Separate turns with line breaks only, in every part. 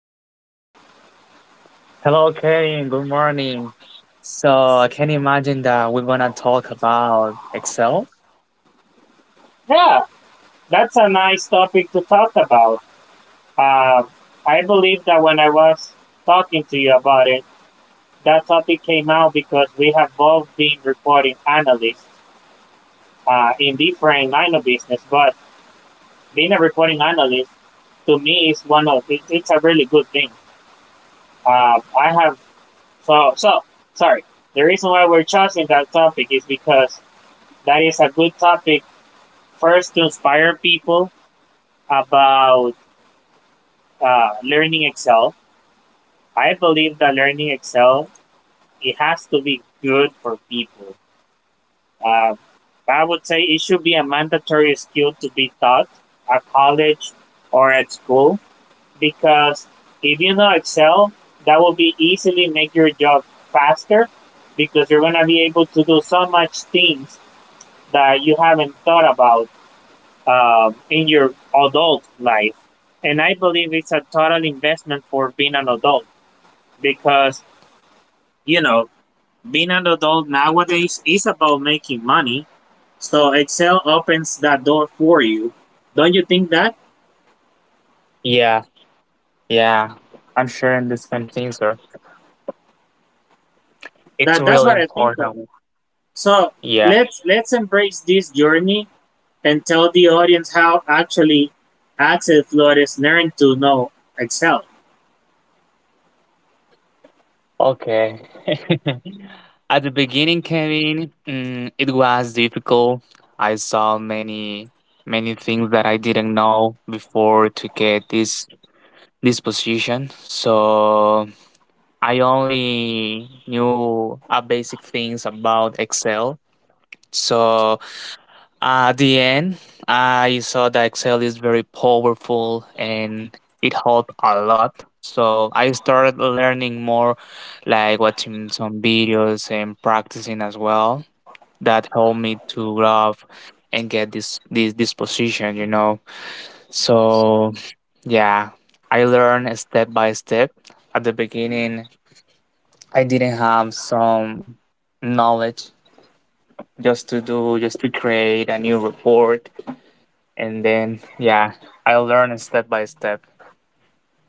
podcast?
Hello, Kenny. Good morning. So I can imagine that we're gonna talk about Excel.
Yeah, that's a nice topic to talk about. Uh, I believe that when I was talking to you about it, that topic came out because we have both been reporting analysts in different line of business. But being a reporting analyst to me is one of it's a really good thing. I have So, so sorry. The reason why we're choosing that topic is because that is a good topic first to inspire people about learning Excel. I believe that learning Excel it has to be good for people. Uh, I would say it should be a mandatory skill to be taught at college or at school because if you know Excel, that will be easily make your job faster because you're gonna be able to do so much things that you haven't thought about in your adult life. And I believe it's a total investment for being an adult because, you know, being an adult nowadays is about making money. So Excel opens that door for you. Don't you think that?
Yeah, yeah. I'm sharing the same thing, so it's
that
really
that's what I think of.
important.
So
Yeah.
let's embrace this journey and tell the audience how actually Axel Flores learned to know Excel.
Okay. At the beginning, Kevin, it was difficult. I saw many, many things that I didn't know before to get this position. So I only knew a basic things about Excel. So at the end, I saw that Excel is very powerful and it helped a lot. So I started learning more, like watching some videos and practicing as well. That helped me to grow up and get this position. So yeah, I learned step by step. At the beginning, I didn't have some knowledge just to do just to create a new report. And then, yeah, I learned step by step.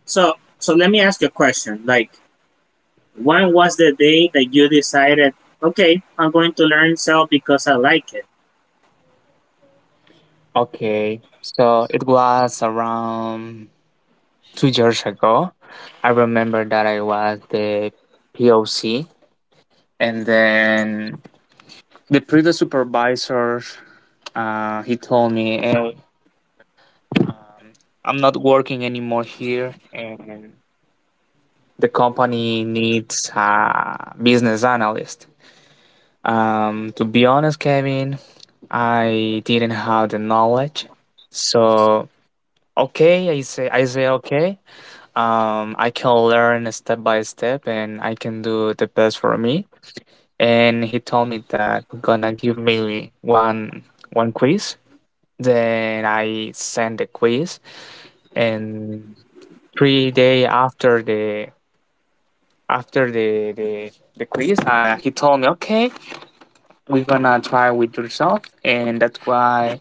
So let me ask you a question. Like when was the day that you decided, okay, I'm going to learn Excel because I like it?
Okay, so it was around 2 years ago. I remember that I was the POC, and then the previous supervisor, he told me, "Hey, um, I'm not working anymore here, and the company needs a business analyst." To be honest, Kevin, I didn't have the knowledge. So okay, I say okay. I can learn step by step, and I can do the best for me. And he told me that gonna give me one quiz. Then I sent the quiz, and 3 day after the quiz, he told me okay, we're gonna try with yourself, and that's why.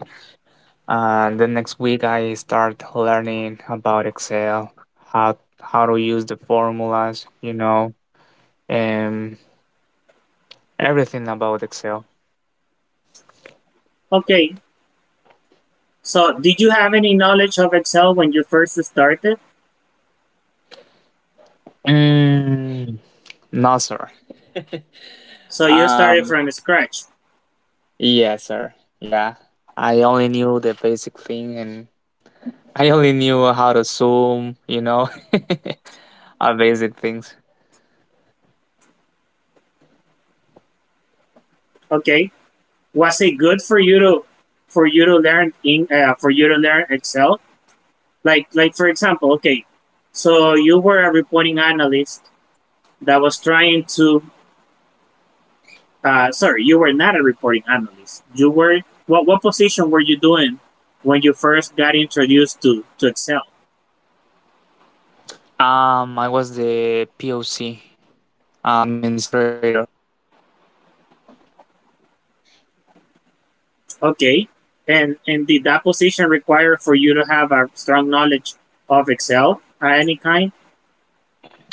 And the next week, I start learning about Excel, how to use the formulas, you know, and everything about Excel.
Okay, so did you have any knowledge of Excel when you first started?
Mm, no, sir.
So you started
Um,
from scratch.
yeah, sir. Yeah, I only knew the basic thing, and I only knew how to zoom, you know, basic things.
Okay, was it good for you to learn in for you to learn Excel? Like for example, okay, so you were a reporting analyst that was trying to Sorry, you were not a reporting analyst. You were what? What position were you doing when you first got introduced to Excel?
I was the POC administrator.
Okay, and did that position require for you to have a strong knowledge of Excel of any kind?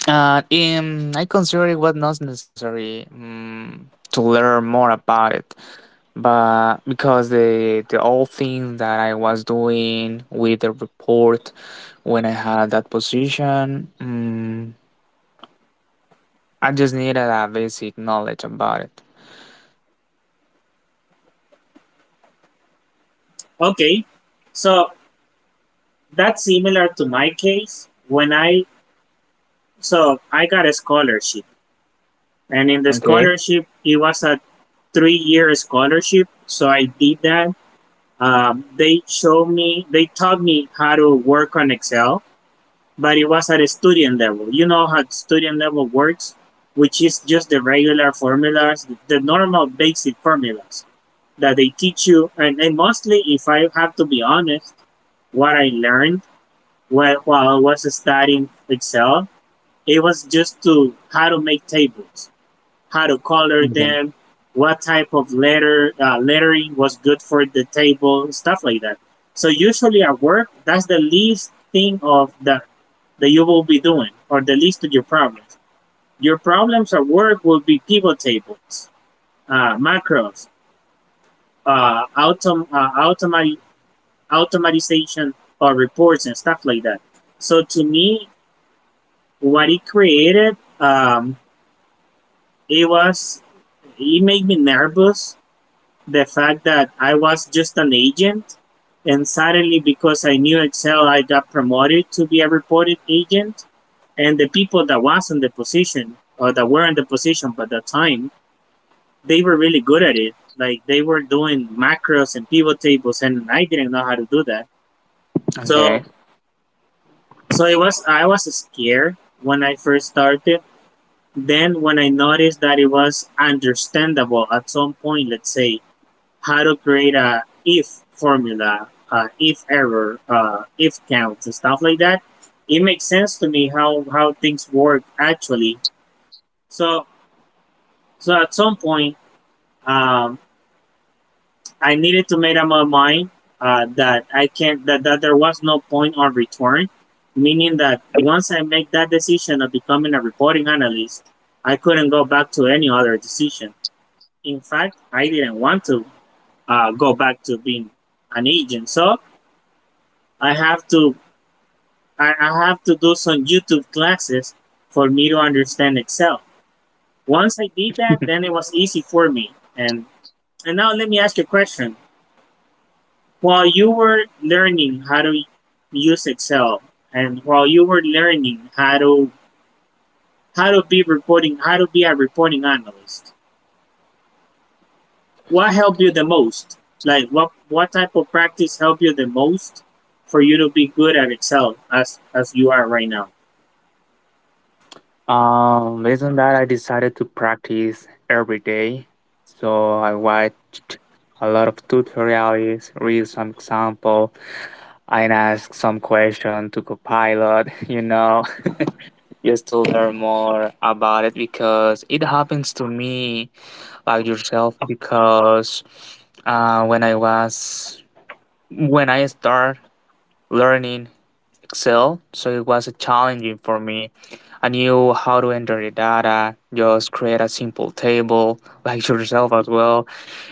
I consider it was not necessary to learn more about it, but because the old thing that I was doing with the report when I had that position, I just needed a basic knowledge about it.
Okay, so that's similar to my case when I so I got a scholarship, and in the
Okay.
scholarship it was a three-year scholarship. So I did that. They taught me how to work on Excel but it was at a student level. You know how student level works, which is just the regular formulas, the normal basic formulas that they teach you. And mostly, if I have to be honest, what I learned while I was studying Excel, it was just to how to make tables, how to color
Okay.
them, what type of letter lettering was good for the table, stuff like that. So usually at work, that's the least thing of the that you will be doing or the list of your problems. Your problems at work will be pivot tables, macros, uh, autom- uh, automat- automatization or reports and stuff like that. So to me, what it created, it was, it made me nervous. The fact that I was just an agent and suddenly because I knew Excel, I got promoted to be a reported agent. And the people that was in the position or that were in the position by the time they were really good at it, like they were doing macros and pivot tables and I didn't know how to do that. so
Okay.
so it was I was scared when I first started. Then when I noticed that it was understandable at some point, let's say how to create a if formula, if error, if counts and stuff like that, it makes sense to me how things work actually. So So at some point, um, I needed to make up my mind that I can't that there was no point on return, meaning that once I make that decision of becoming a reporting analyst, I couldn't go back to any other decision. In fact, I didn't want to go back to being an agent. So I have to I have to do some YouTube classes for me to understand Excel. Once I did that, then it was easy for me. And now let me ask you a question. While you were learning how to use Excel and while you were learning how to be reporting how to be a reporting analyst, what helped you the most? Like what type of practice helped you the most for you to be good at Excel as you are right now?
Based on that, I decided to practice every day. So I watched a lot of tutorials, read some example, I ask some question to Copilot, you know, just to learn more about it because it happens to me like yourself because when I was when I start learning Excel, so it was challenging for me. I knew how to enter the data, just create a simple table like yourself as well,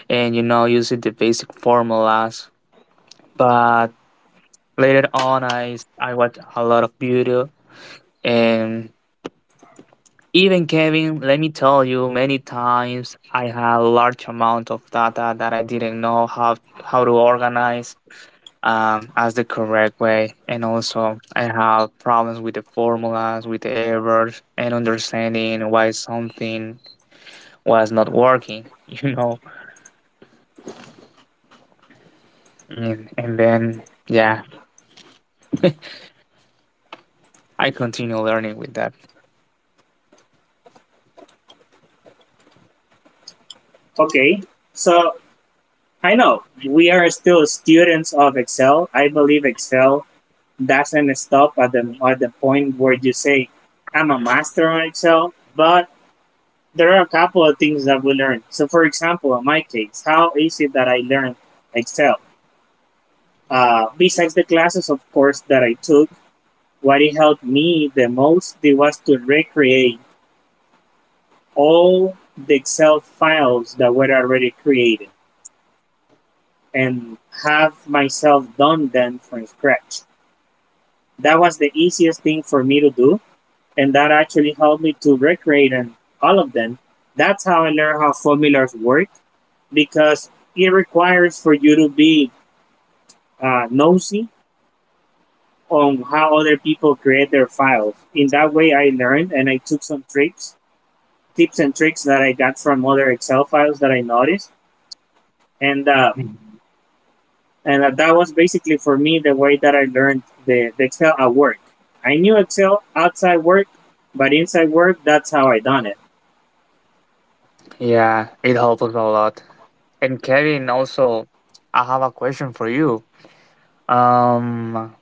and you know using the basic formulas. But later on, I watched a lot of video. And even Kevin, let me tell you, many times I had a large amount of data that I didn't know how to organize as the correct way. And also I had problems with the formulas, with the errors, and understanding why something was not working, you know. And then yeah, I continue learning with that.
Okay. So I know we are still students of Excel. I believe Excel doesn't stop at the point where you say I'm a master on Excel, but there are a couple of things that we learn. So, for example, in my case, how is it that I learned Excel? Besides the classes, of course, that I took, what it helped me the most it was to recreate all the Excel files that were already created and have myself done them from scratch. That was the easiest thing for me to do and that actually helped me to recreate and all of them. That's how I learned how formulas work because it requires for you to be nosy on how other people create their files. In that way, I learned and I took some tricks, tips and tricks that I got from other Excel files that I noticed. And, uh, and that was basically for me the way that I learned the Excel at work. I knew Excel outside work, but inside work, that's how I done it.
Yeah, it helps us a lot. And Kevin, also, I have a question for you. Um,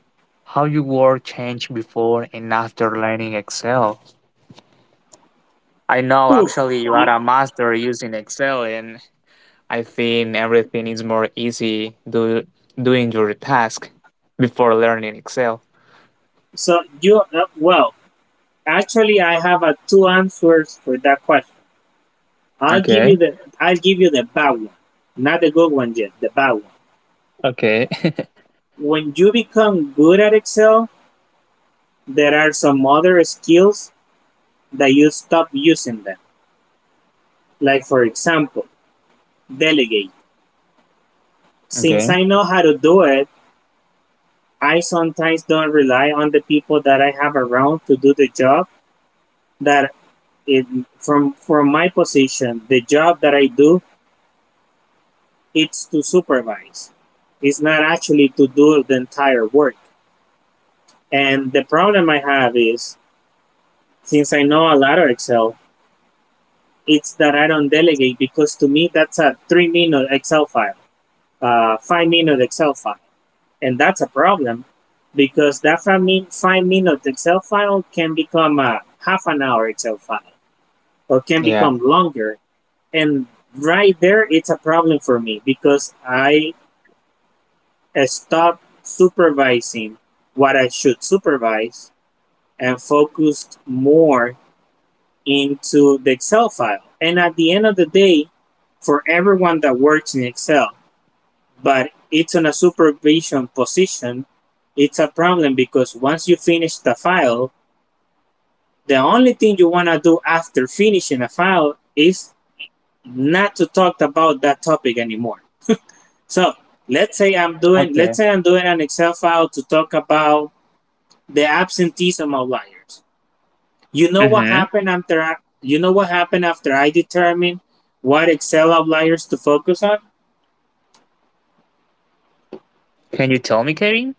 how your work changed before and after learning Excel. I know
Oof,
actually you
you,
are a master using Excel, and I think everything is more easy doing your task before learning Excel.
So you well, actually, I have two answers for that question. I'll give you
Okay.
the bad one, not the good one yet. The bad one.
Okay.
When you become good at Excel, there are some other skills that you stop using them. Like for example, delegate. Since
Okay.
I know how to do it, I sometimes don't rely on the people that I have around to do the job that it, from my position, the job that I do it's to supervise. It's not actually to do the entire work. And the problem I have is, since I know a lot of Excel, it's that I don't delegate because to me that's a 3 minute Excel file, 5 minute Excel file. And that's a problem because that 5 minute Excel file can become a half an hour Excel file or can become
Yeah.
longer. And right there, it's a problem for me because I stopped supervising what I should supervise and focused more into the Excel file. And at the end of the day, for everyone that works in Excel, but it's on a supervision position, it's a problem because once you finish the file, the only thing you want to do after finishing a file is not to talk about that topic anymore. So
Okay.
let's say I'm doing an Excel file to talk about the absentees of outliers. You know what
Mm-hmm.
happened after I, you know what happened after I determined what Excel outliers to focus on?
Can you tell me, Kevin?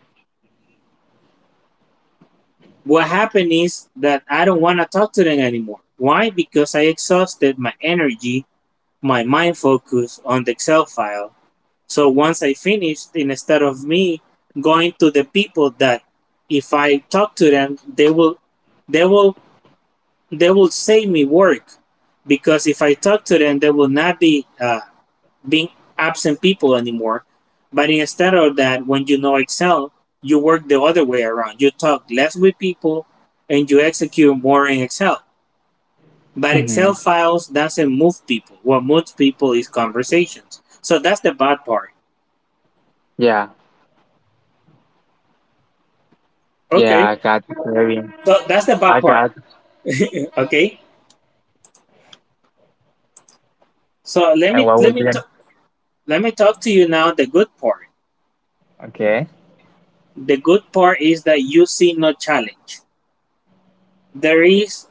What happened is that I don't want to talk to them anymore. Why? Because I exhausted my energy, my mind focus on the Excel file. So once I finished, instead of me going to the people that if I talk to them, they will they will they will save me work because if I talk to them, they will not be being absent people anymore. But instead of that, when you know Excel, you work the other way around. You talk less with people and you execute more in Excel. But Excel
Mm-hmm.
files doesn't move people. What moves people is conversations. So that's the bad part.
Yeah. Yeah,
Okay.
I got it, Kevin.
So that's the bad
I
part.
got.
Okay. So let
And
me
what was it?
let me talk to you now the good part.
Okay.
The good part is that you see no challenge. There is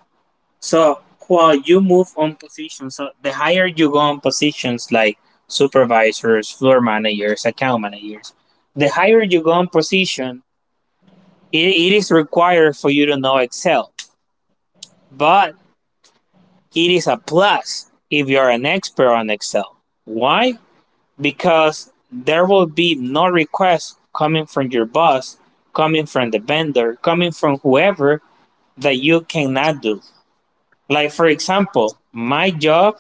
So while you move on positions, so the higher you go on positions like supervisors, floor managers, account managers, the higher you go on position, it is required for you to know Excel. But it is a plus if you are an expert on Excel. Why? Because there will be no request coming from your boss, coming from the vendor, coming from whoever that you cannot do. Like for example, my job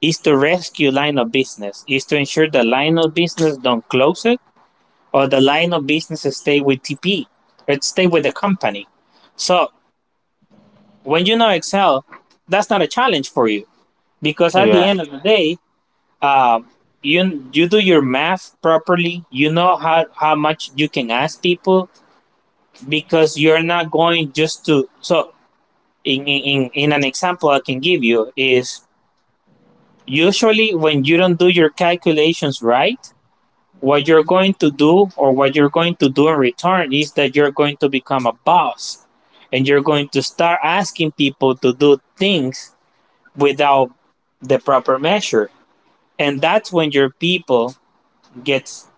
is to rescue line of business, is to ensure the line of business don't close it or the line of business stay with TP, it stay with the company. So when you know Excel, that's not a challenge for you because at the
Yeah.
end of the day, um, you do your math properly. You know how much you can ask people because you're not going just to. So in in in an example I can give you is usually when you don't do your calculations right, what you're going to do, or what you're going to do in return, is that you're going to become a boss and you're going to start asking people to do things without the proper measure. And that's when your people gets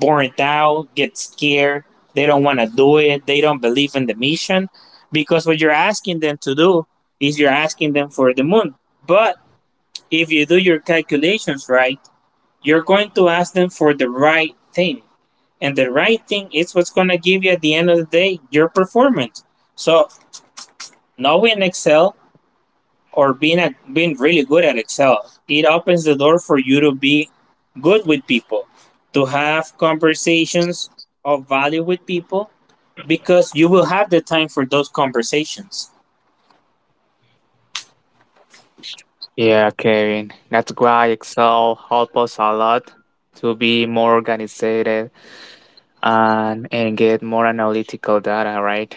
burnt out, get scared, they don't want to do it, they don't believe in the mission because what you're asking them to do is you're asking them for the moon. But if you do your calculations right, you're going to ask them for the right thing. And the writing is what's going to give you at the end of the day your performance. So knowing Excel or being really good at Excel, it opens the door for you to be good with people, to have conversations of value with people because you will have the time for those conversations.
Yeah, Kevin. That's why Excel helps us a lot to be more organized and get more analytical data, right?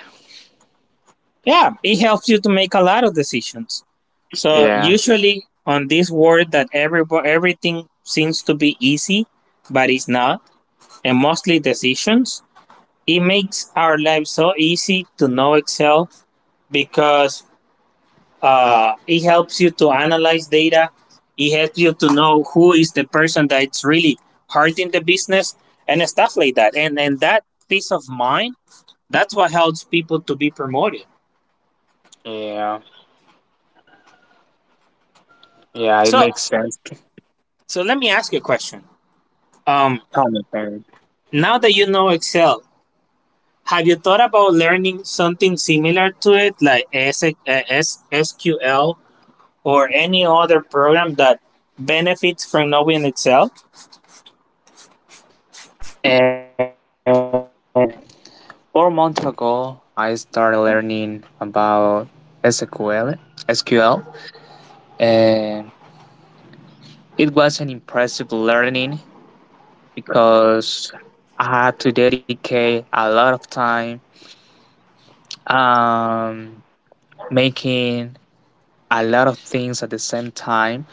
Yeah, it helps you to make a lot of decisions. So
Yeah.
usually on this world that everything seems to be easy, but it's not, and mostly decisions. It makes our life so easy to know Excel because it helps you to analyze data. It helps you to know who is the person that's really hurting the business and stuff like that. and that peace of mind, that's what helps people to be promoted.
Yeah. Yeah, it
So
makes sense.
so let me ask you a question. Um,
Tell me, Karen.
now that you know Excel, have you thought about learning something similar to it, like SQL or any other program that benefits from knowing itself?
And 4 months ago, I started learning about SQL. SQL, and it was an impressive learning because I had to dedicate a lot of time. Um, Making a lot of things at the same time.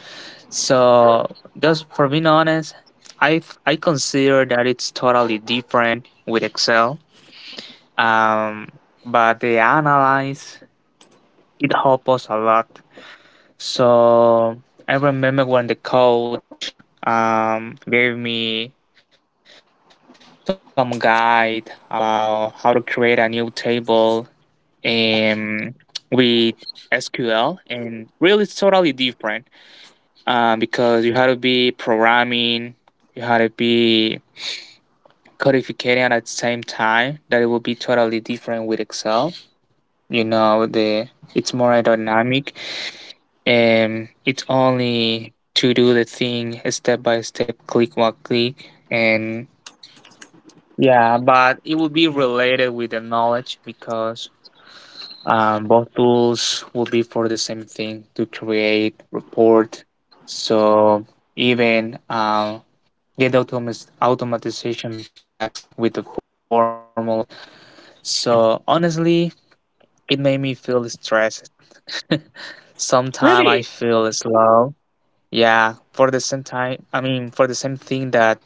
So just for being honest, I consider that it's totally different with Excel. Um, but the analyze it helped us a lot. So I remember when the coach gave me some guide about how to create a new table and with SQL and really it's totally different because you had to be programming, you had to be codificating at the same time. That it will be totally different with Excel. You know, the it's more aerodynamic and it's only to do the thing step by step, click one click, and yeah, but it will be related with the knowledge because both tools will be for the same thing to create report. So even get automatization packs with the formulas. So honestly, it made me feel stressed. Sometimes I
Really?
feel slow. Yeah, for the same time, I mean, for the same thing that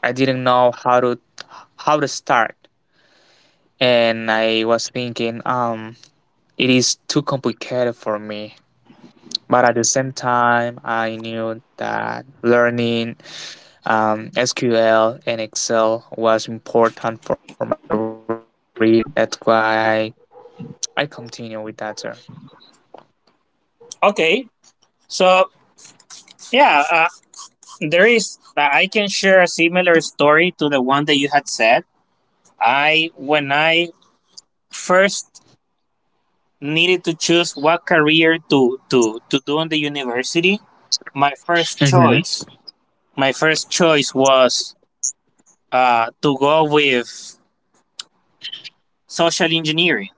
I didn't know how to start, and I was thinking, it is too complicated for me. But at the same time, I knew that learning SQL and Excel was important for my career. That's why I continue with that, sir.
Okay. So, yeah, there is, I can share a similar story to the one that you had said. I, when I first needed to choose what career to, to, do in the university, my first
Mm-hmm.
choice, my first choice was to go with social engineering.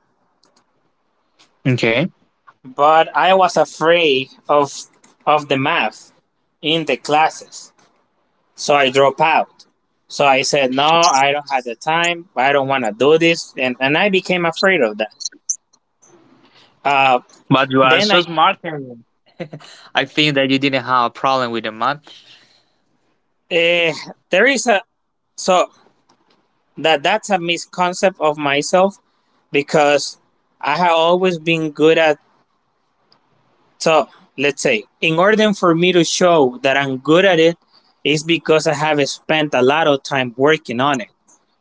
Okay.
But I was afraid of the math in the classes, so I drop out. So I said, no, I don't have the time. I don't want to do this. And I became afraid of that. Uh,
But you are
then
so
I,
smart, Kevin. I think that you didn't have a problem with the math.
uh, there is a, so that that's a misconception of myself because I have always been good at, so let's say, in order for me to show that I'm good at it, is because I have spent a lot of time working on it.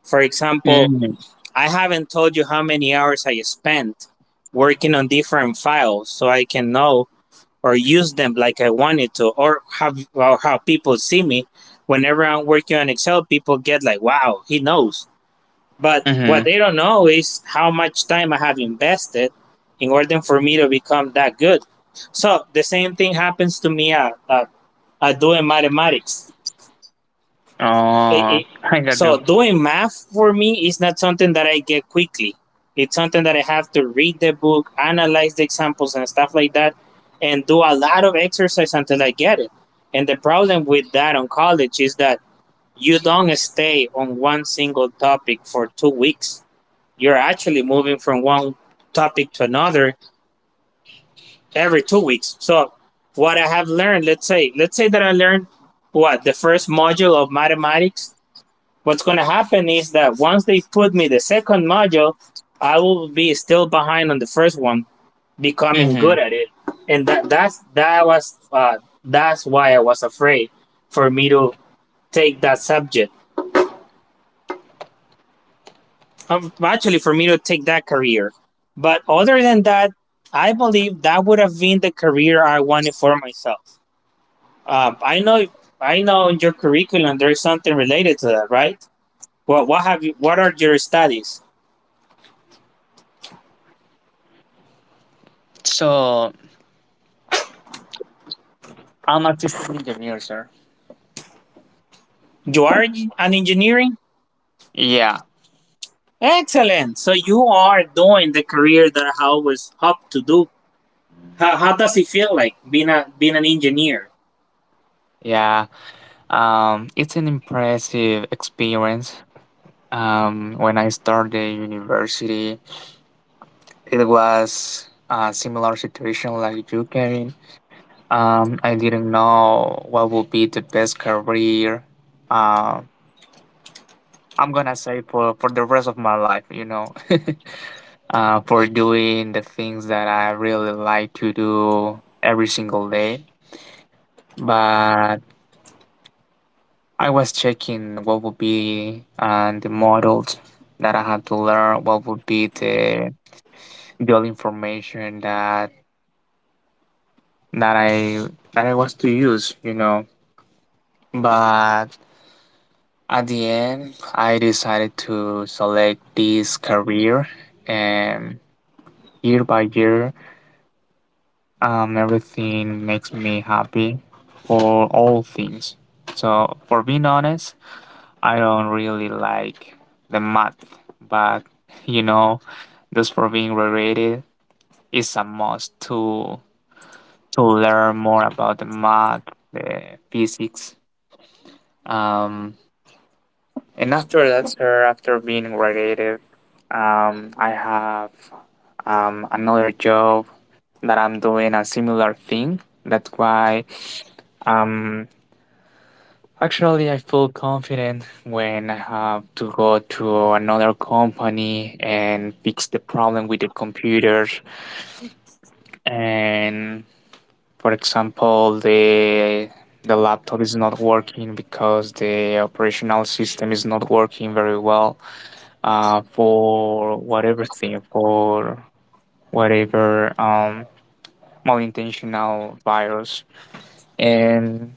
For example,
Mhm.
I haven't told you how many hours I spent working on different files so I can know or use them like I wanted to, or how people see me. Whenever I'm working on Excel, people get like, wow, he knows. But what they
Mhm.
don't know is how much time I have invested in order for me to become that good. So the same thing happens to me at, at, doing mathematics. It-
Oh,
it-
I got
so
you.
doing math for me is not something that I get quickly. It's something that I have to read the book, analyze the examples and stuff like that, and do a lot of exercise until I get it. And the problem with that on college is that you don't stay on one single topic for 2 weeks. You're actually moving from one topic to another every 2 weeks. So what I have learned, let's say that I learned what the first module of mathematics. What's going to happen is that once they put me the second module, I will be still behind on the first one, becoming
Mhm.
good at it, and that was that's why I was afraid for me to take that subject. Actually, for me to take that career. But other than that, I believe that would have been the career I wanted for myself. Uh, I know, I know, in your curriculum there is something related to that, right? Well, what have you? What are your studies?
So I'm a system engineer, sir.
You are in- an engineering.
Yeah,
Excellent. So you are doing the career that I always hoped to do. How does it feel like being an engineer?
yeah. It's an impressive experience. When I started university, it was a similar situation like you, Kevin. I didn't know what would be the best career. Um, I'm gonna say for the rest of my life, you know, for doing the things that I really like to do every single day. But I was checking what would be the models that I had to learn. What would be the information that I was to use, you know. But at the end, I decided to select this career, and year by year, everything makes me happy for all things. So, for being honest, I don't really like the math, but you know, just for being related, it's a must to learn more about the math, the physics. Um, And after that, sir, after being graduated, I have another job that I'm doing a similar thing. That's why um, actually I feel confident when I have to go to another company and fix the problem with the computers. And for example, the laptop is not working because the operational system is not working very well for whatever thing, for whatever malintentional virus. And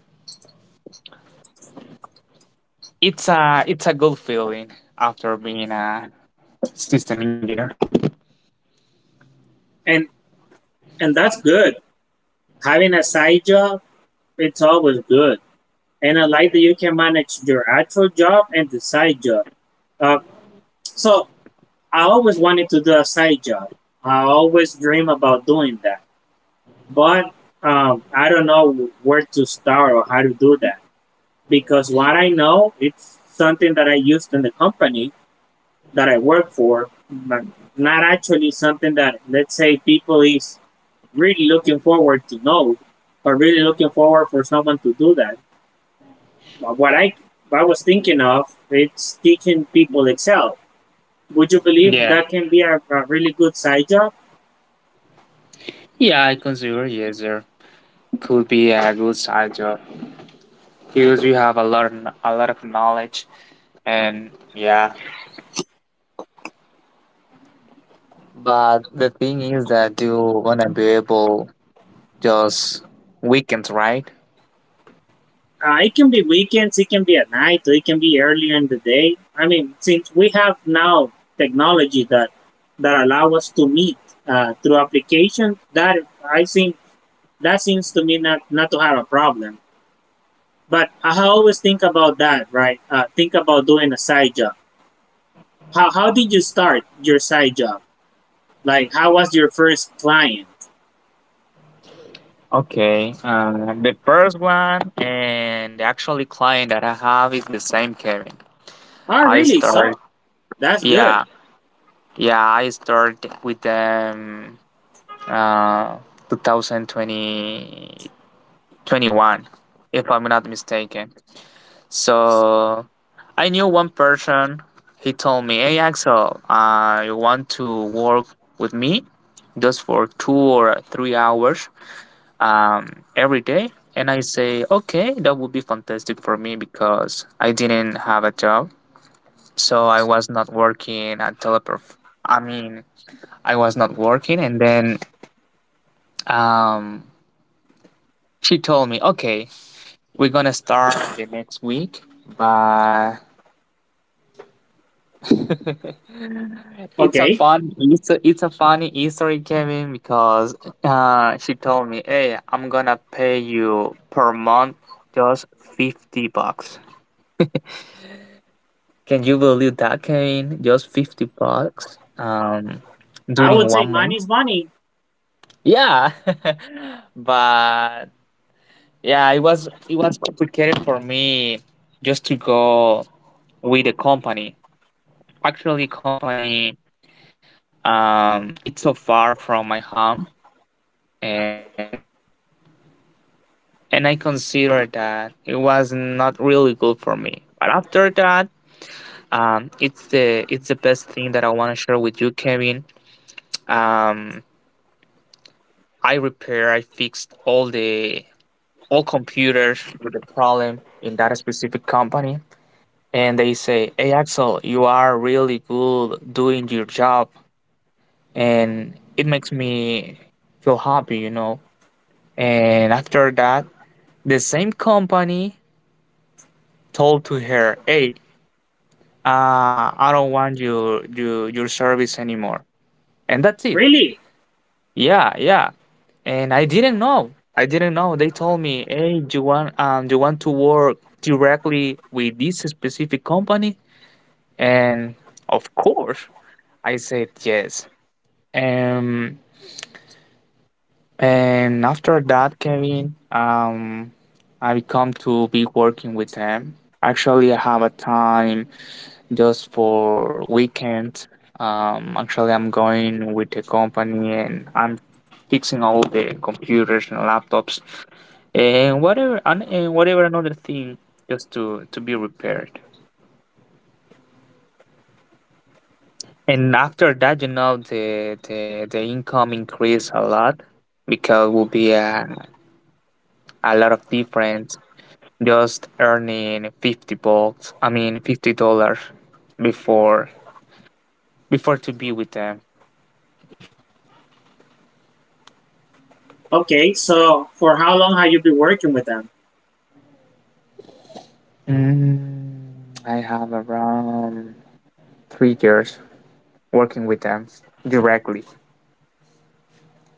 it's a good feeling after being a system engineer.
And that's good. Having a side job, it's always good. And I like that you can manage your actual job and the side job. Uh, so I always wanted to do a side job. I always dream about doing that, but I don't know where to start or how to do that because what I know, it's something that I used in the company that I work for, but not actually something that, let's say, people is really looking forward to know or really looking forward for someone to do that. What I was thinking of, it's teaching people Excel. Would you believe
Yeah,
that can be a really good side job?
yeah, I consider yes, there could be a good side job because you have a lot of, a lot of knowledge and yeah. But the thing is that you wanna be able just weekends, right?
It can be weekends, it can be at night, or it can be earlier in the day. I mean, since we have now technology that allow us to meet through application, that I think that seems to me not to have a problem. But I always think about that, right? Think about doing a side job. How did you start your side job? Like how was your first client?
Okay, the first one and the actually client that I have is the same Kevin.
Oh,
I
really?
start,
So that's good.
yeah, yeah, I start with them uh, 2020 21, if I'm not mistaken. So I knew one person. He told me, "Hey Axel, I want to work with me, just for 2 or 3 hours" um, every day. And I say, okay, that would be fantastic for me because I didn't have a job. So I was not working at Teleperf. I mean, I was not working. And then um, she told me, okay, we're going to start the next week. But it's a
Okay,
fun, it's a funny history, Kevin, because she told me, hey, I'm going to pay you per month just $50. Can you believe that, Kevin? Just $50
I
during
would say
one
money
month?
is money.
Yeah. But yeah, it was complicated for me just to go with the company. Actually, company it's so far from my home and and I considered that it was not really good for me. But after that, it's the best thing that I want to share with you, Kevin. Um, I repair, I fixed all the all computers with the problem in that specific company. And they say, Hey Axel, you are really good doing your job and it makes me feel happy, you know. And after that, the same company told to her, Hey, I don't want your service anymore. And that's it.
Really?
Yeah, yeah. And I didn't know. I didn't know. They told me, "Hey, do you want to work directly with this specific company?" And of course, I said yes. Um, and after that, Kevin, I come to be working with them. Actually, I have a time just for weekends. Actually, I'm going with the company and I'm fixing all the computers and laptops and whatever and whatever another thing just to be repaired. And after that, the income increase a lot because will be a lot of difference just earning 50 bucks, I mean $50 before before to be with them.
Okay. So for how long have you been working with them?
I have around 3 years working with them directly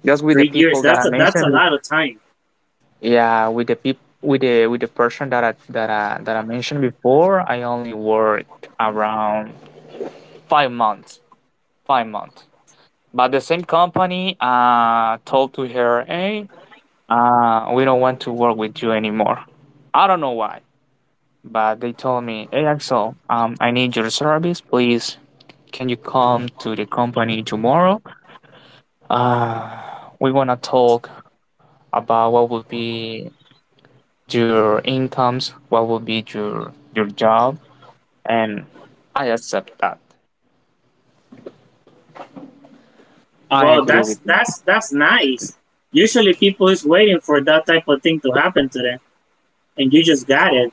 just with the
3 years.
people that I
That's a
mentioned.
lot of time.
Yeah, with the peop with the person that I mentioned before, I only worked around 5 months. 5 months. But the same company told to her, "Hey, we don't want to work with you anymore." I don't know why. But they told me, "Hey Axel, I need your service, please can you come to the company tomorrow? Uh we wanna talk about what would be your incomes, what will be your job," and I accept that. I
Well,
agree
that's
with you.
that's that's nice. Usually, people is waiting for that type of thing to happen to them, and you just got it.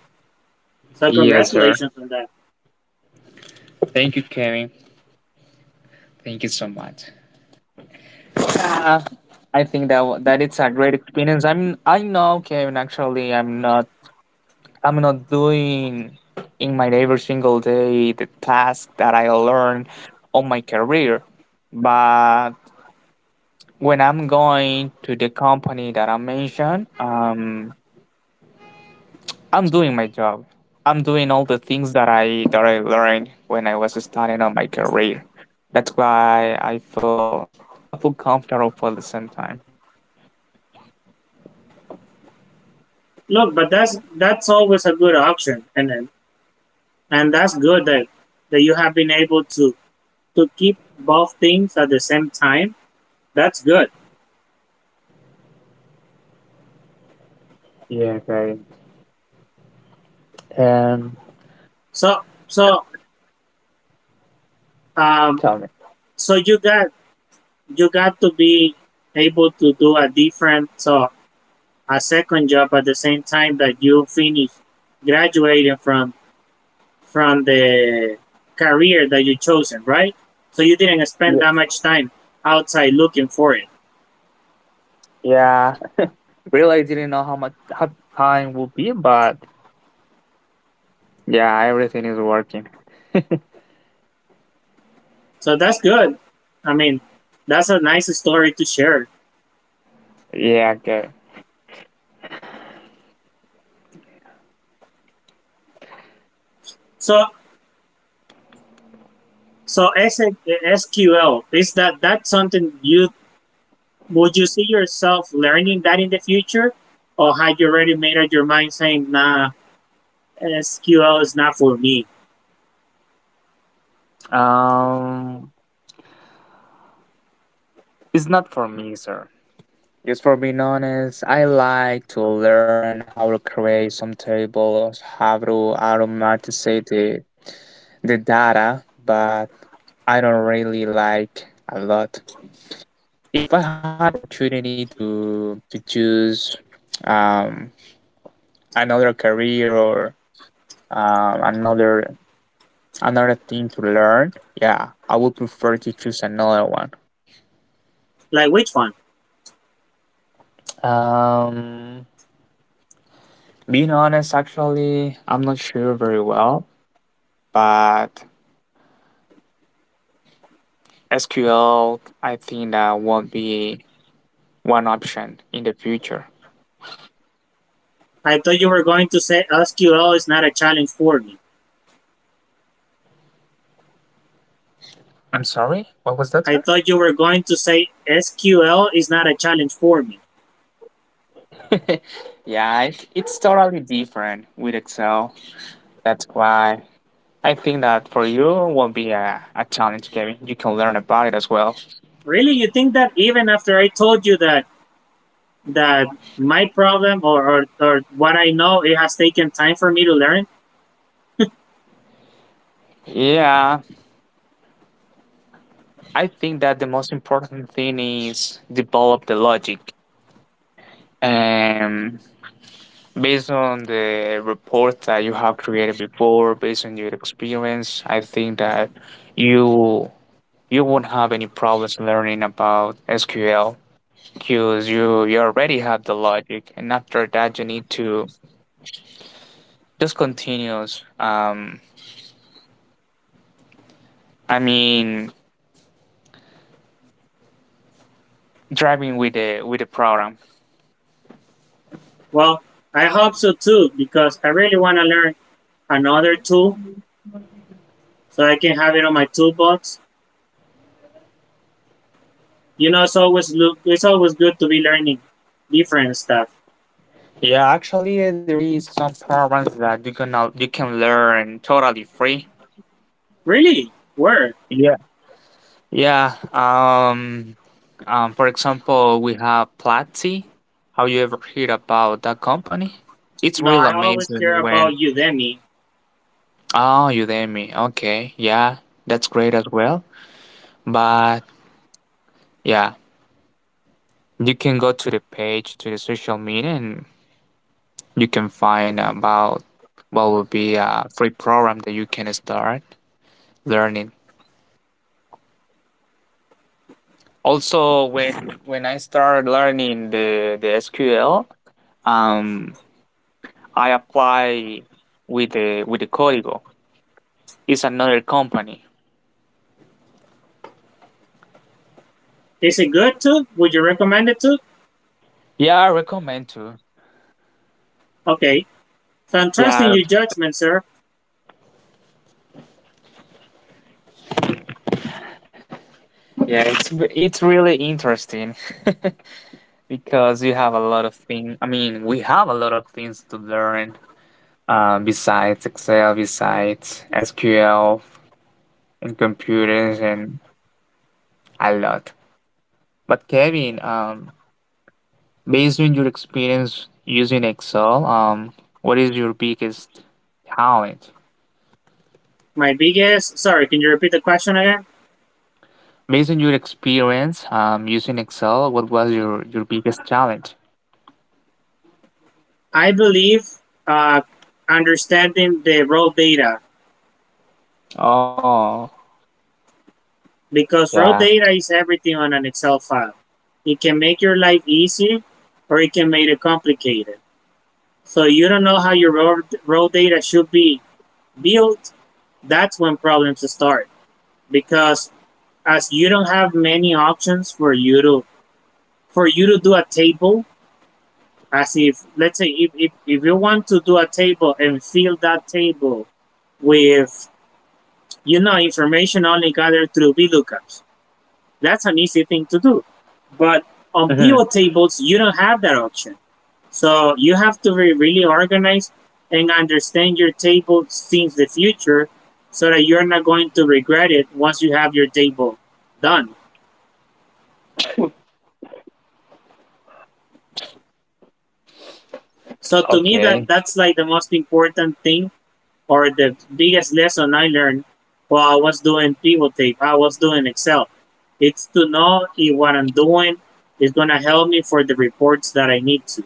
So
Yes, sir.
congratulations on that.
Thank you, Kevin. Thank you so much. Yeah, I think that it's a great experience. I mean, I know, Kevin. Actually, I'm not. I'm not doing in my every single day the task that I learned on my career, but when I'm going to the company that I mentioned, I'm doing my job. I'm doing all the things that I learned when I was starting on my career. That's why I feel comfortable for the same time.
Look, but that's always a good option, and and that's good that you have been able to keep both things at the same time. That's good.
Yeah, okay. Um,
So so um
Tell me.
so you got, you got to be able to do a different, so a second job at the same time that you finish graduating from the career that you chosen, right? So you didn't
Y-
spend that much time outside looking for it.
Yeah, really, I didn't know how time will be, but yeah, everything is working.
So that's good. I mean, that's a nice story to share.
Yeah, okay.
So so SQL is that, that's something you would, you see yourself learning that in the future, or had you already made up your mind saying nah, SQL is not for me?
Um, it's not for me, sir. Just for being honest, I like to learn how to create some tables, how to automatize the data, but I don't really like a lot. If I had the opportunity to choose um, another career or um, another another thing to learn, yeah, I would prefer to choose another one.
Like which one?
Um, Being honest, actually, I'm not sure very well. But SQL, I think that won't be one option in the future.
I thought you were going to say SQL is not a challenge for me.
I'm sorry, what was that, sir?
I thought you were going to say SQL is not a challenge for me.
Yeah, it's totally different with Excel. That's why I think that for you won't be a challenge, Kevin. You can learn about it as well.
Really, you think that even after I told you that that my problem or what I know, it has taken time for me to learn.
Yeah, I think that the most important thing is develop the logic. And based on the report that you have created before, based on your experience, I think that you you won't have any problems learning about SQL because you already have the logic, and after that you need to just continuous. I mean, driving with the program.
Well, I hope so too, because I really want to learn another tool so I can have it on my toolbox. You know, it's always look, it's always good to be learning different stuff.
Yeah, actually, there is some programs that you can learn totally free.
Really? Where?
Yeah, yeah. For example, we have Platzi. Have you ever heard about that company? It's
No,
real
I always
amazing
care
when,
about Udemy.
oh, Udemy. Okay. Yeah. That's great as well. But yeah, you can go to the page, to the social media, and you can find about what would be a free program that you can start learning. Also, when I started learning the SQL, um, I apply with the Código. It's another company.
Is it good too? Would you recommend it too?
Yeah, I recommend to.
Okay. So I'm trusting
Yeah,
your judgment, sir.
yeah, it's really interesting because you have a lot of things. I mean, we have a lot of things to learn besides Excel, besides SQL and computers, and a lot. But Kevin, based on your experience using Excel, what is your biggest talent?
My biggest, sorry, can you repeat the question again?
Based on your experience using Excel, what was your biggest challenge?
I believe uh, understanding the raw data,
Oh,
because raw
yeah.
data is everything on an Excel file. It can make your life easy or it can make it complicated. So you don't know how your raw data should be built. That's when problems start because as you don't have many options for you to, do a table as if, let's say, if you want to do a table and fill that table with, you know, information only gathered through VLOOKUPs. That's an easy thing to do. But on
Hmm.
pivot tables, you don't have that option. So you have to be really organized and understand your table since the future so that you're not going to regret it once you have your table done. So to me,
Okay,
that's like the most important thing or the biggest lesson I learned while I was doing pivot tape, I was doing Excel. It's to know if what I'm doing is going to help me for the reports that I need to.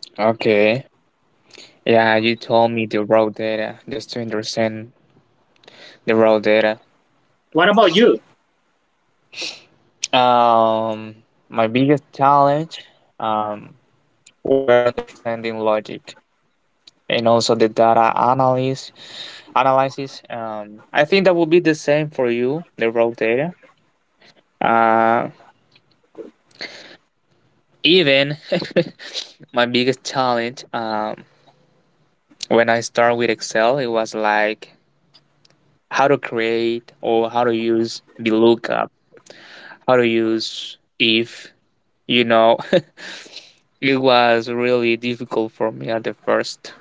okay. Yeah, you told me the raw data just to understand the raw data.
What about you?
Um, my biggest challenge, um, were understanding logic and also the data analysis. Analysis. I think that will be the same for you, the raw data. Uh, Even my biggest challenge, when I start with Excel, it was like how to create or how to use the lookup, how to use if, you know. It was really difficult for me at the first.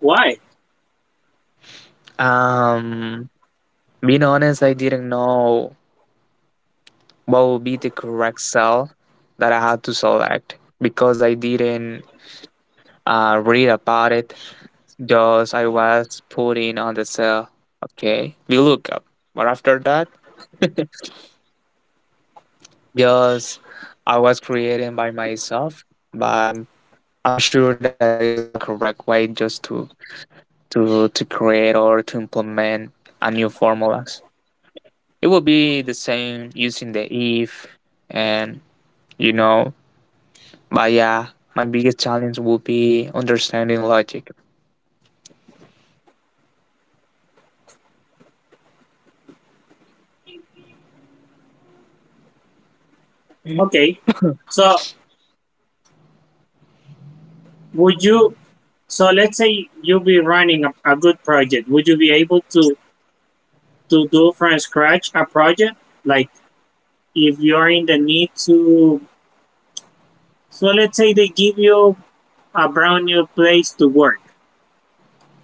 Why?
Um, Being honest, I didn't know what would be the correct cell that I had to select because I didn't read about it. Thus, I was put in on the cell. Okay, we look up. But after that, just I was creating by myself. But I'm sure that is not the correct way just to create or to implement a new formulas. It will be the same using the if and you know. But yeah, my biggest challenge will be understanding logic.
Okay. So, would you, so let's say you'll be running a good project. Would you be able to do from scratch a project? Like if you're in the need to, so let's say they give you a brand new place to work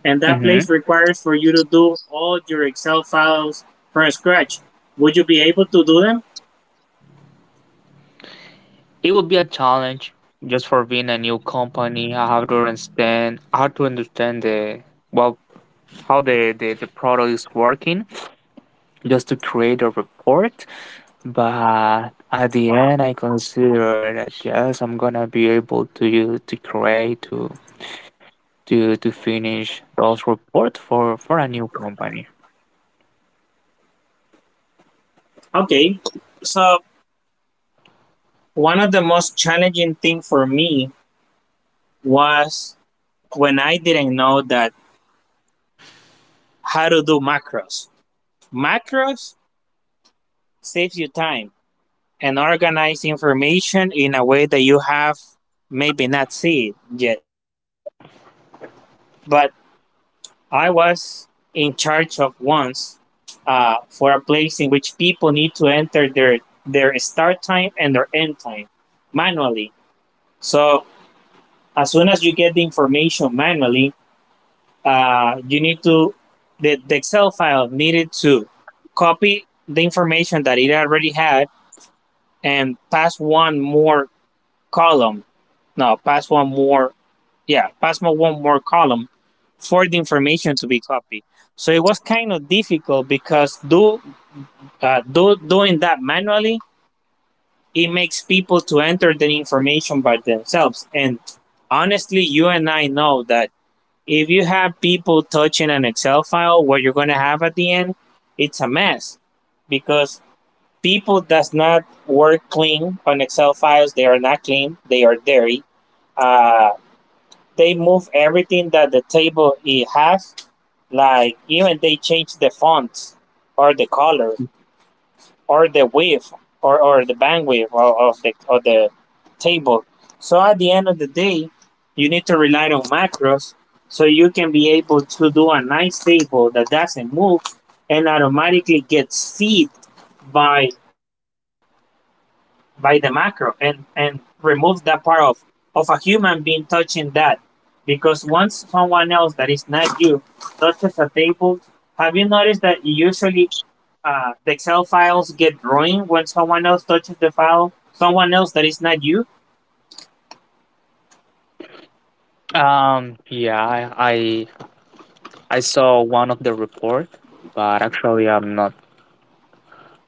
and that place
Mhm.
requires for you to do all your Excel files from scratch. Would you be able to do them?
It would be a challenge just for being a new company. I have to understand the well how the product is working just to create a report. But at the end I consider that yes I'm gonna be able to create to finish those report for a new company.
Okay. So one of the most challenging thing for me was when I didn't know that how to do macros. Macros saves you time and organize information in a way that you have maybe not seen yet. But I was in charge of once for a place in which people need to enter their start time and their end time manually. So as soon as you get the information manually, you need to the Excel file needed to copy the information that it already had and pass one more column. No, pass one more. Yeah, pass one more column for the information to be copied. So it was kind of difficult because do do doing that manually it makes people to enter the information by themselves. And honestly, you and I know that if you have people touching an Excel file, what you're going to have at the end, it's a mess because people does not work clean on Excel files. They are not clean. They are dirty. Uh, they move everything that the table it has. Like even they change the fonts or the color or the width or the bandwidth of the of the table. So at the end of the day, you need to rely on macros so you can be able to do a nice table that doesn't move and automatically gets feed by by the macro and remove that part of a human being touching that because once someone else that is not you touches a table, have you noticed that usually the Excel files get ruined when someone else touches the file, someone else that is not you.
Yeah, I saw one of the report but actually I'm not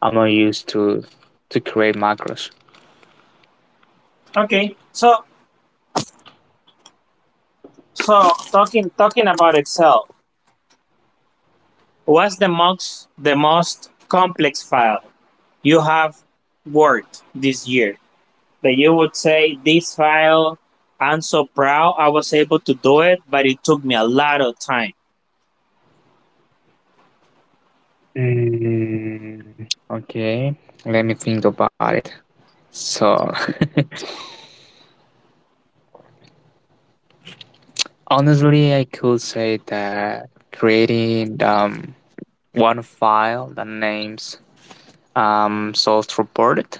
I'm not used to create macros.
Okay, so so talking about Excel, what's the most complex file you have worked this year that you would say this file? I'm so proud I was able to do it, but it took me a lot of time.
Mm. Okay, let me think about it. So honestly, I could say that creating one file that names source report.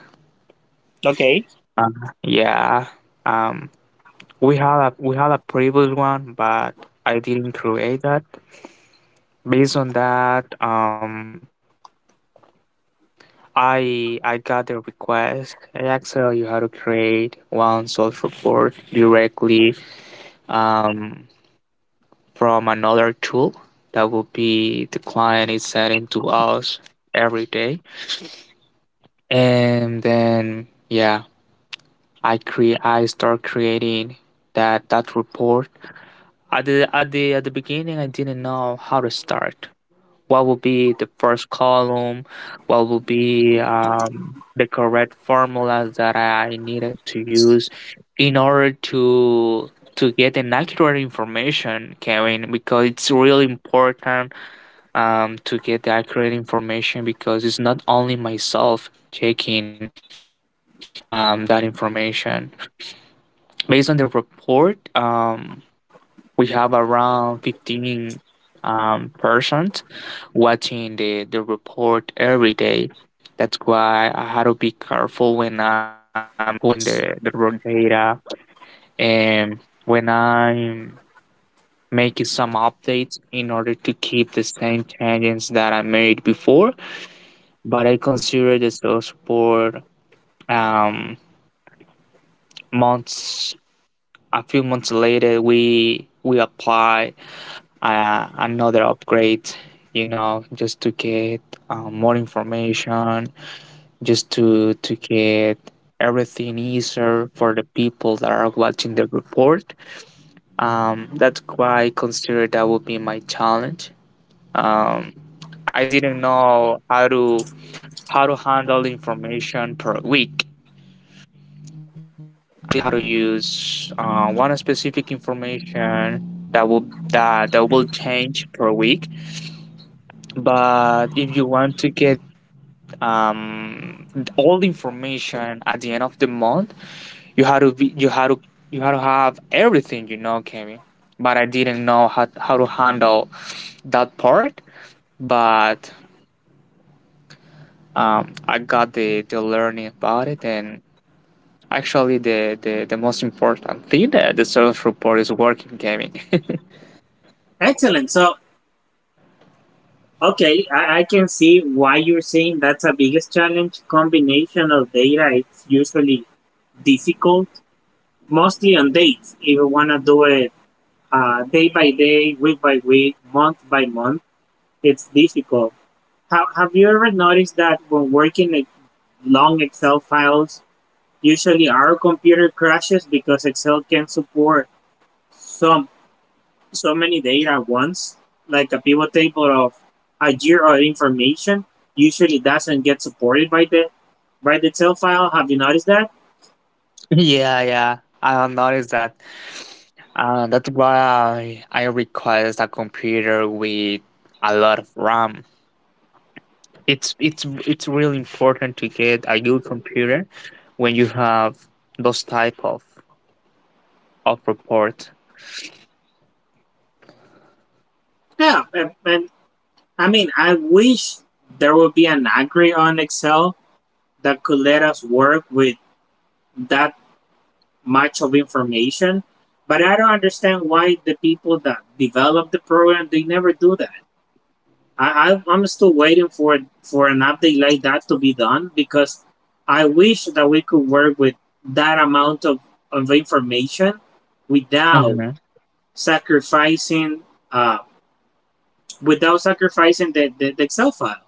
Okay,
Uh, yeah. Um, we had a previous one, but I didn't create that. Based on that, I got the request in Excel. You how to create one source report directly, um, from another tool that will be the client is sending to us every day, and then yeah, I start creating that report. At the beginning, I didn't know how to start what will be the first column, what will be, the correct formulas that I needed to use in order to get an accurate information, Kevin, because it's really important, to get the accurate information because it's not only myself taking, that information based on the report. We have around 15, percent watching the report every day. That's why I had to be careful when I'm putting the raw data and when I'm making some updates in order to keep the same changes that I made before. But I consider the sales report, um, months, a few months later, we apply another upgrade just to get more information just to get everything easier for the people that are watching the report. That's why I consider that would be my challenge. um, I didn't know how to handle information per week. Actually, how to use one specific information that will change per week. But if you want to get um, all the information at the end of the month, you had to be you had to you had to have everything, you know, Kevin. But I didn't know how to handle that part. But I got the learning about it. And actually, the most important thing that the service report is working, Kevin.
excellent. So okay, I can see why you're saying that's a biggest challenge. Combination of data, it's usually difficult, mostly on dates. If you want to do it day by day, week by week, month by month, it's difficult. Have you ever noticed that when working with long Excel files, usually our computer crashes because Excel can support so, so many data at once? Like a pivot table of a year of information usually doesn't get supported by the Excel file. Have you noticed that?
Yeah, yeah, I have noticed that. That's why I request a computer with a lot of RAM. It's really important to get a good computer when you have those type of report.
Yeah, and I mean, I wish there would be an Agri on Excel that could let us work with that much of information, but I don't understand why the people that develop the program they never do that. I'm still waiting for an update like that to be done because I wish that we could work with that amount of information without
Hmm.
sacrificing uh, without sacrificing the Excel file,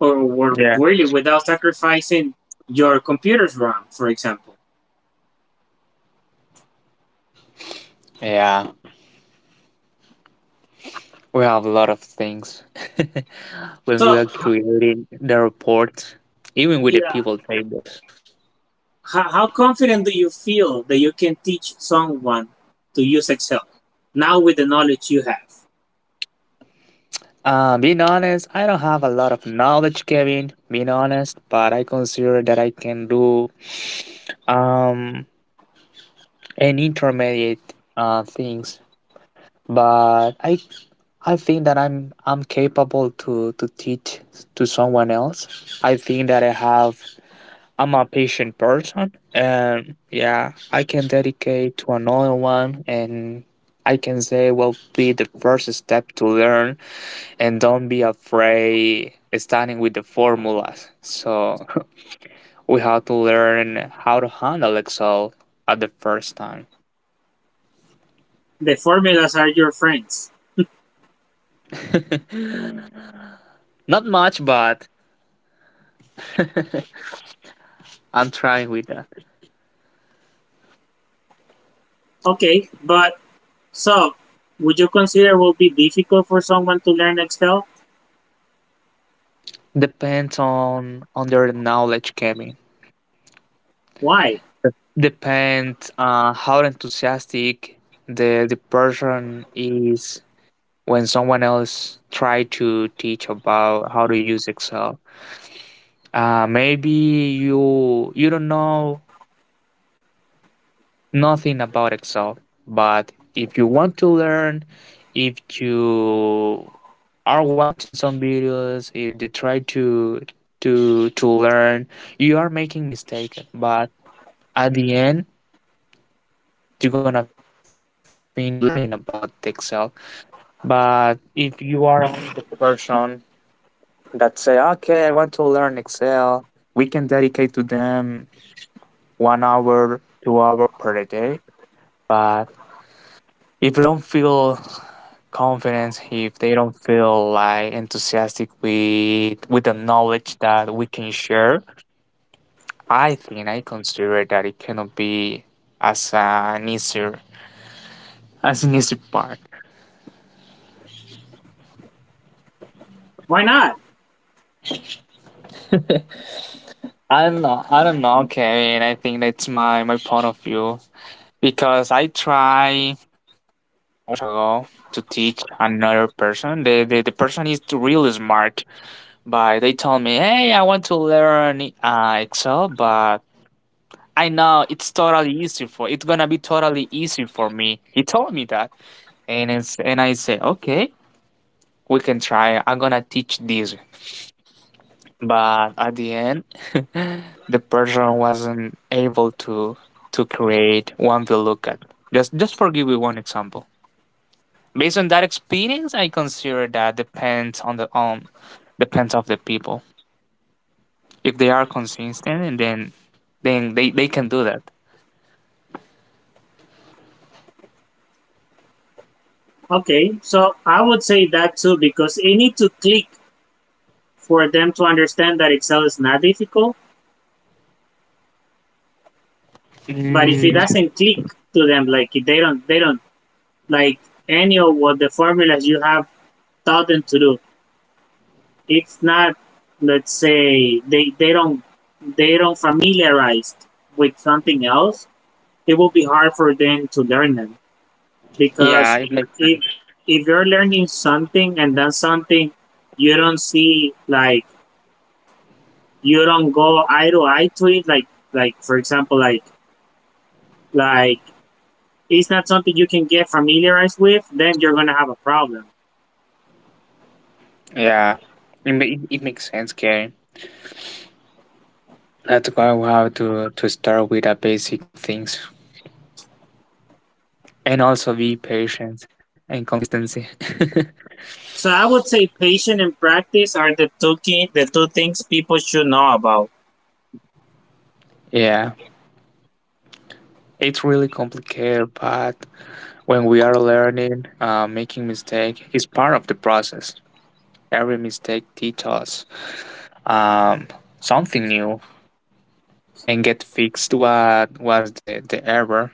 or
Yeah,
really without sacrificing your computer's RAM, for example.
yeah, we have a lot of things when we
So,
are creating the report, even with the
yeah,
people tables.
how confident do you feel that you can teach someone to use Excel now with the knowledge you have?
Being honest, I don't have a lot of knowledge, Kevin. Being honest, but I consider that I can do um and intermediate things. But I think that I'm capable to teach to someone else. I think that I'm a patient person, and yeah, I can dedicate to another one. And I can say well be the first step to learn, and don't be afraid starting with the formulas. So we have to learn how to handle Excel at the first time.
The formulas are your friends.
Not much, but I'm trying with that.
Okay, but so would you consider it will be difficult for someone to learn Excel?
Depends on their knowledge, Kevin.
Why?
Depends, how enthusiastic the person is when someone else try to teach about how to use Excel. Maybe you don't know nothing about Excel, but if you want to learn, if you are watching some videos, if you try to learn, you are making mistake, but at the end you're gonna finish learning about Excel. But if you are the person that say, okay, I want to learn Excel, we can dedicate to them 1 hour, 2 hour per day. But if you don't feel confidence, if they don't feel like enthusiastic with the knowledge that we can share, I think. I consider that it cannot be as an easier as an easy part.
Why not?
I don't know. I don't know, Kevin. I think that's my point of view because I try one years ago to teach another person. The person is really smart, but they told me, "Hey, I want to learn, Excel, but." I know it's totally easy for It's gonna be totally easy for me. He told me that, and I say, okay, we can try. I'm gonna teach this. But at the end, the person wasn't able to create one we look at. Just for give you one example. Based on that experience, I consider that depends of the people. If they are consistent, and then they can do that.
Okay, so I would say that too because they need to click for them to understand that Excel is not difficult. But if it
Mm,
doesn't click to them, like if they don't like any of what the formulas you have taught them to do, it's not let's say they don't familiarized with something else, it will be hard for them to learn them
yeah,
because
it makes sense.
if you're learning something and that's something you don't see, like you don't go eye to eye to it, like for example, like it's not something you can get familiarized with, then you're gonna have a problem.
Yeah, it makes sense, Karen. That's why we have to start with the basic things, and also be patient and consistency.
So I would say patience and practice are the two things people should know about.
Yeah, it's really complicated, but when we are learning, making mistake is part of the process. Every mistake teaches us, um, something new and get fixed what was the error.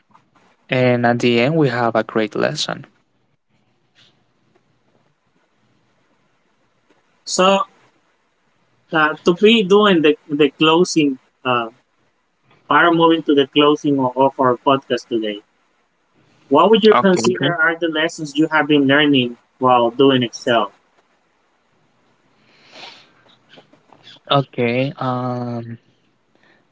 And at the end, we have a great lesson.
So to be doing the closing uh, part, of moving to the closing of our podcast today. What would you
Okay.
consider are
Okay.
the lessons you have been learning while doing Excel?
Okay,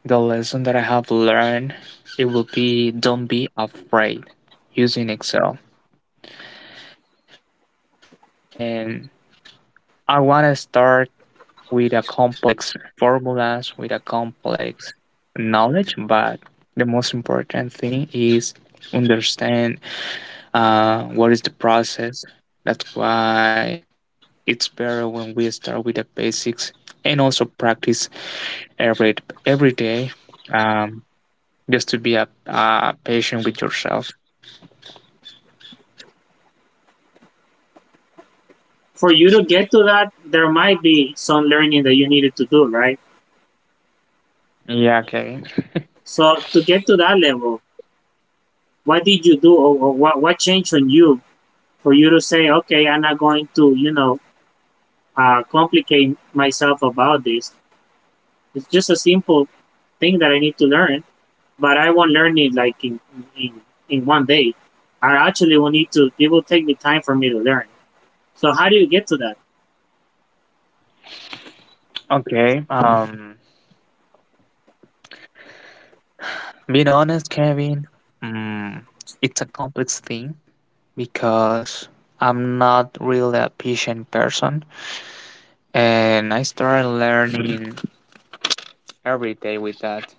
the lesson that I have learned, it will be don't be afraid using Excel. And I want to start with a complex formulas, with a complex knowledge, but the most important thing is understand, what is the process. That's why it's better when we start with the basics and also practice every every day, um, just to be a patient with yourself.
For you to get to that, there might be some learning that you needed to do, right?
Yeah, Kevin.
So to get to that level, what did you do, or what changed on you for you to say, okay, I'm not going to, you know, complicate myself about this. It's just a simple thing that I need to learn, but I won't learn it like in, in, in one day. I actually will need to, it will take me time for me to learn. So how do you get to that?
Okay. Being honest, Kevin. Mm, it's a complex thing because I'm not really a patient person, and I started learning every day with that.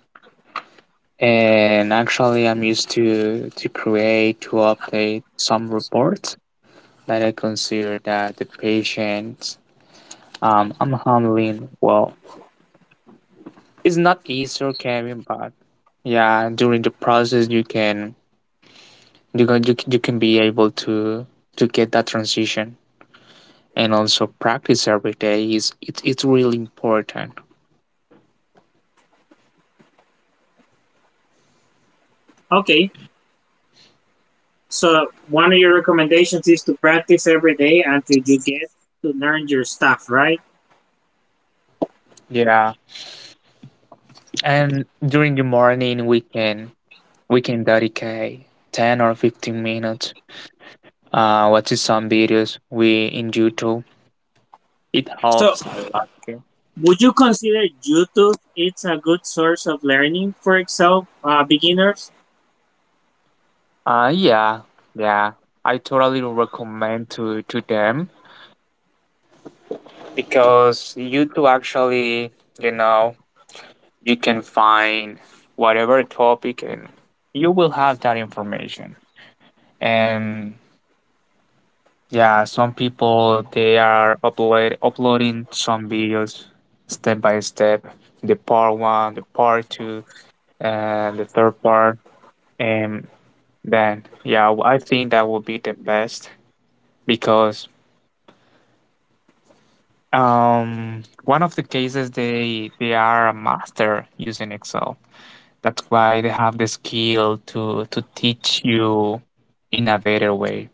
And actually, I'm used to create to update some reports that I consider that the patient, I'm handling well. It's not easy, Kevin, but yeah, during the process, you can be able to get that transition, and also practice every day is it's really important.
Okay. So one of your recommendations is to practice every day until you get to learn your stuff, right?
Yeah, and during the morning we can dedicate 10 or 15 minutes watching some videos we in YouTube. It
So
helps a lot.
would you consider YouTube it's a good source of learning for Excel beginners?
Yeah, yeah. I totally recommend to them because YouTube actually, you know, you can find whatever topic and you will have that information. And yeah, some people they are uploading some videos step by step, the part one, the part two, and the third part. And then yeah, I think that would be the best because one of the cases they are a master using Excel. That's why they have the skill to teach you in a better way.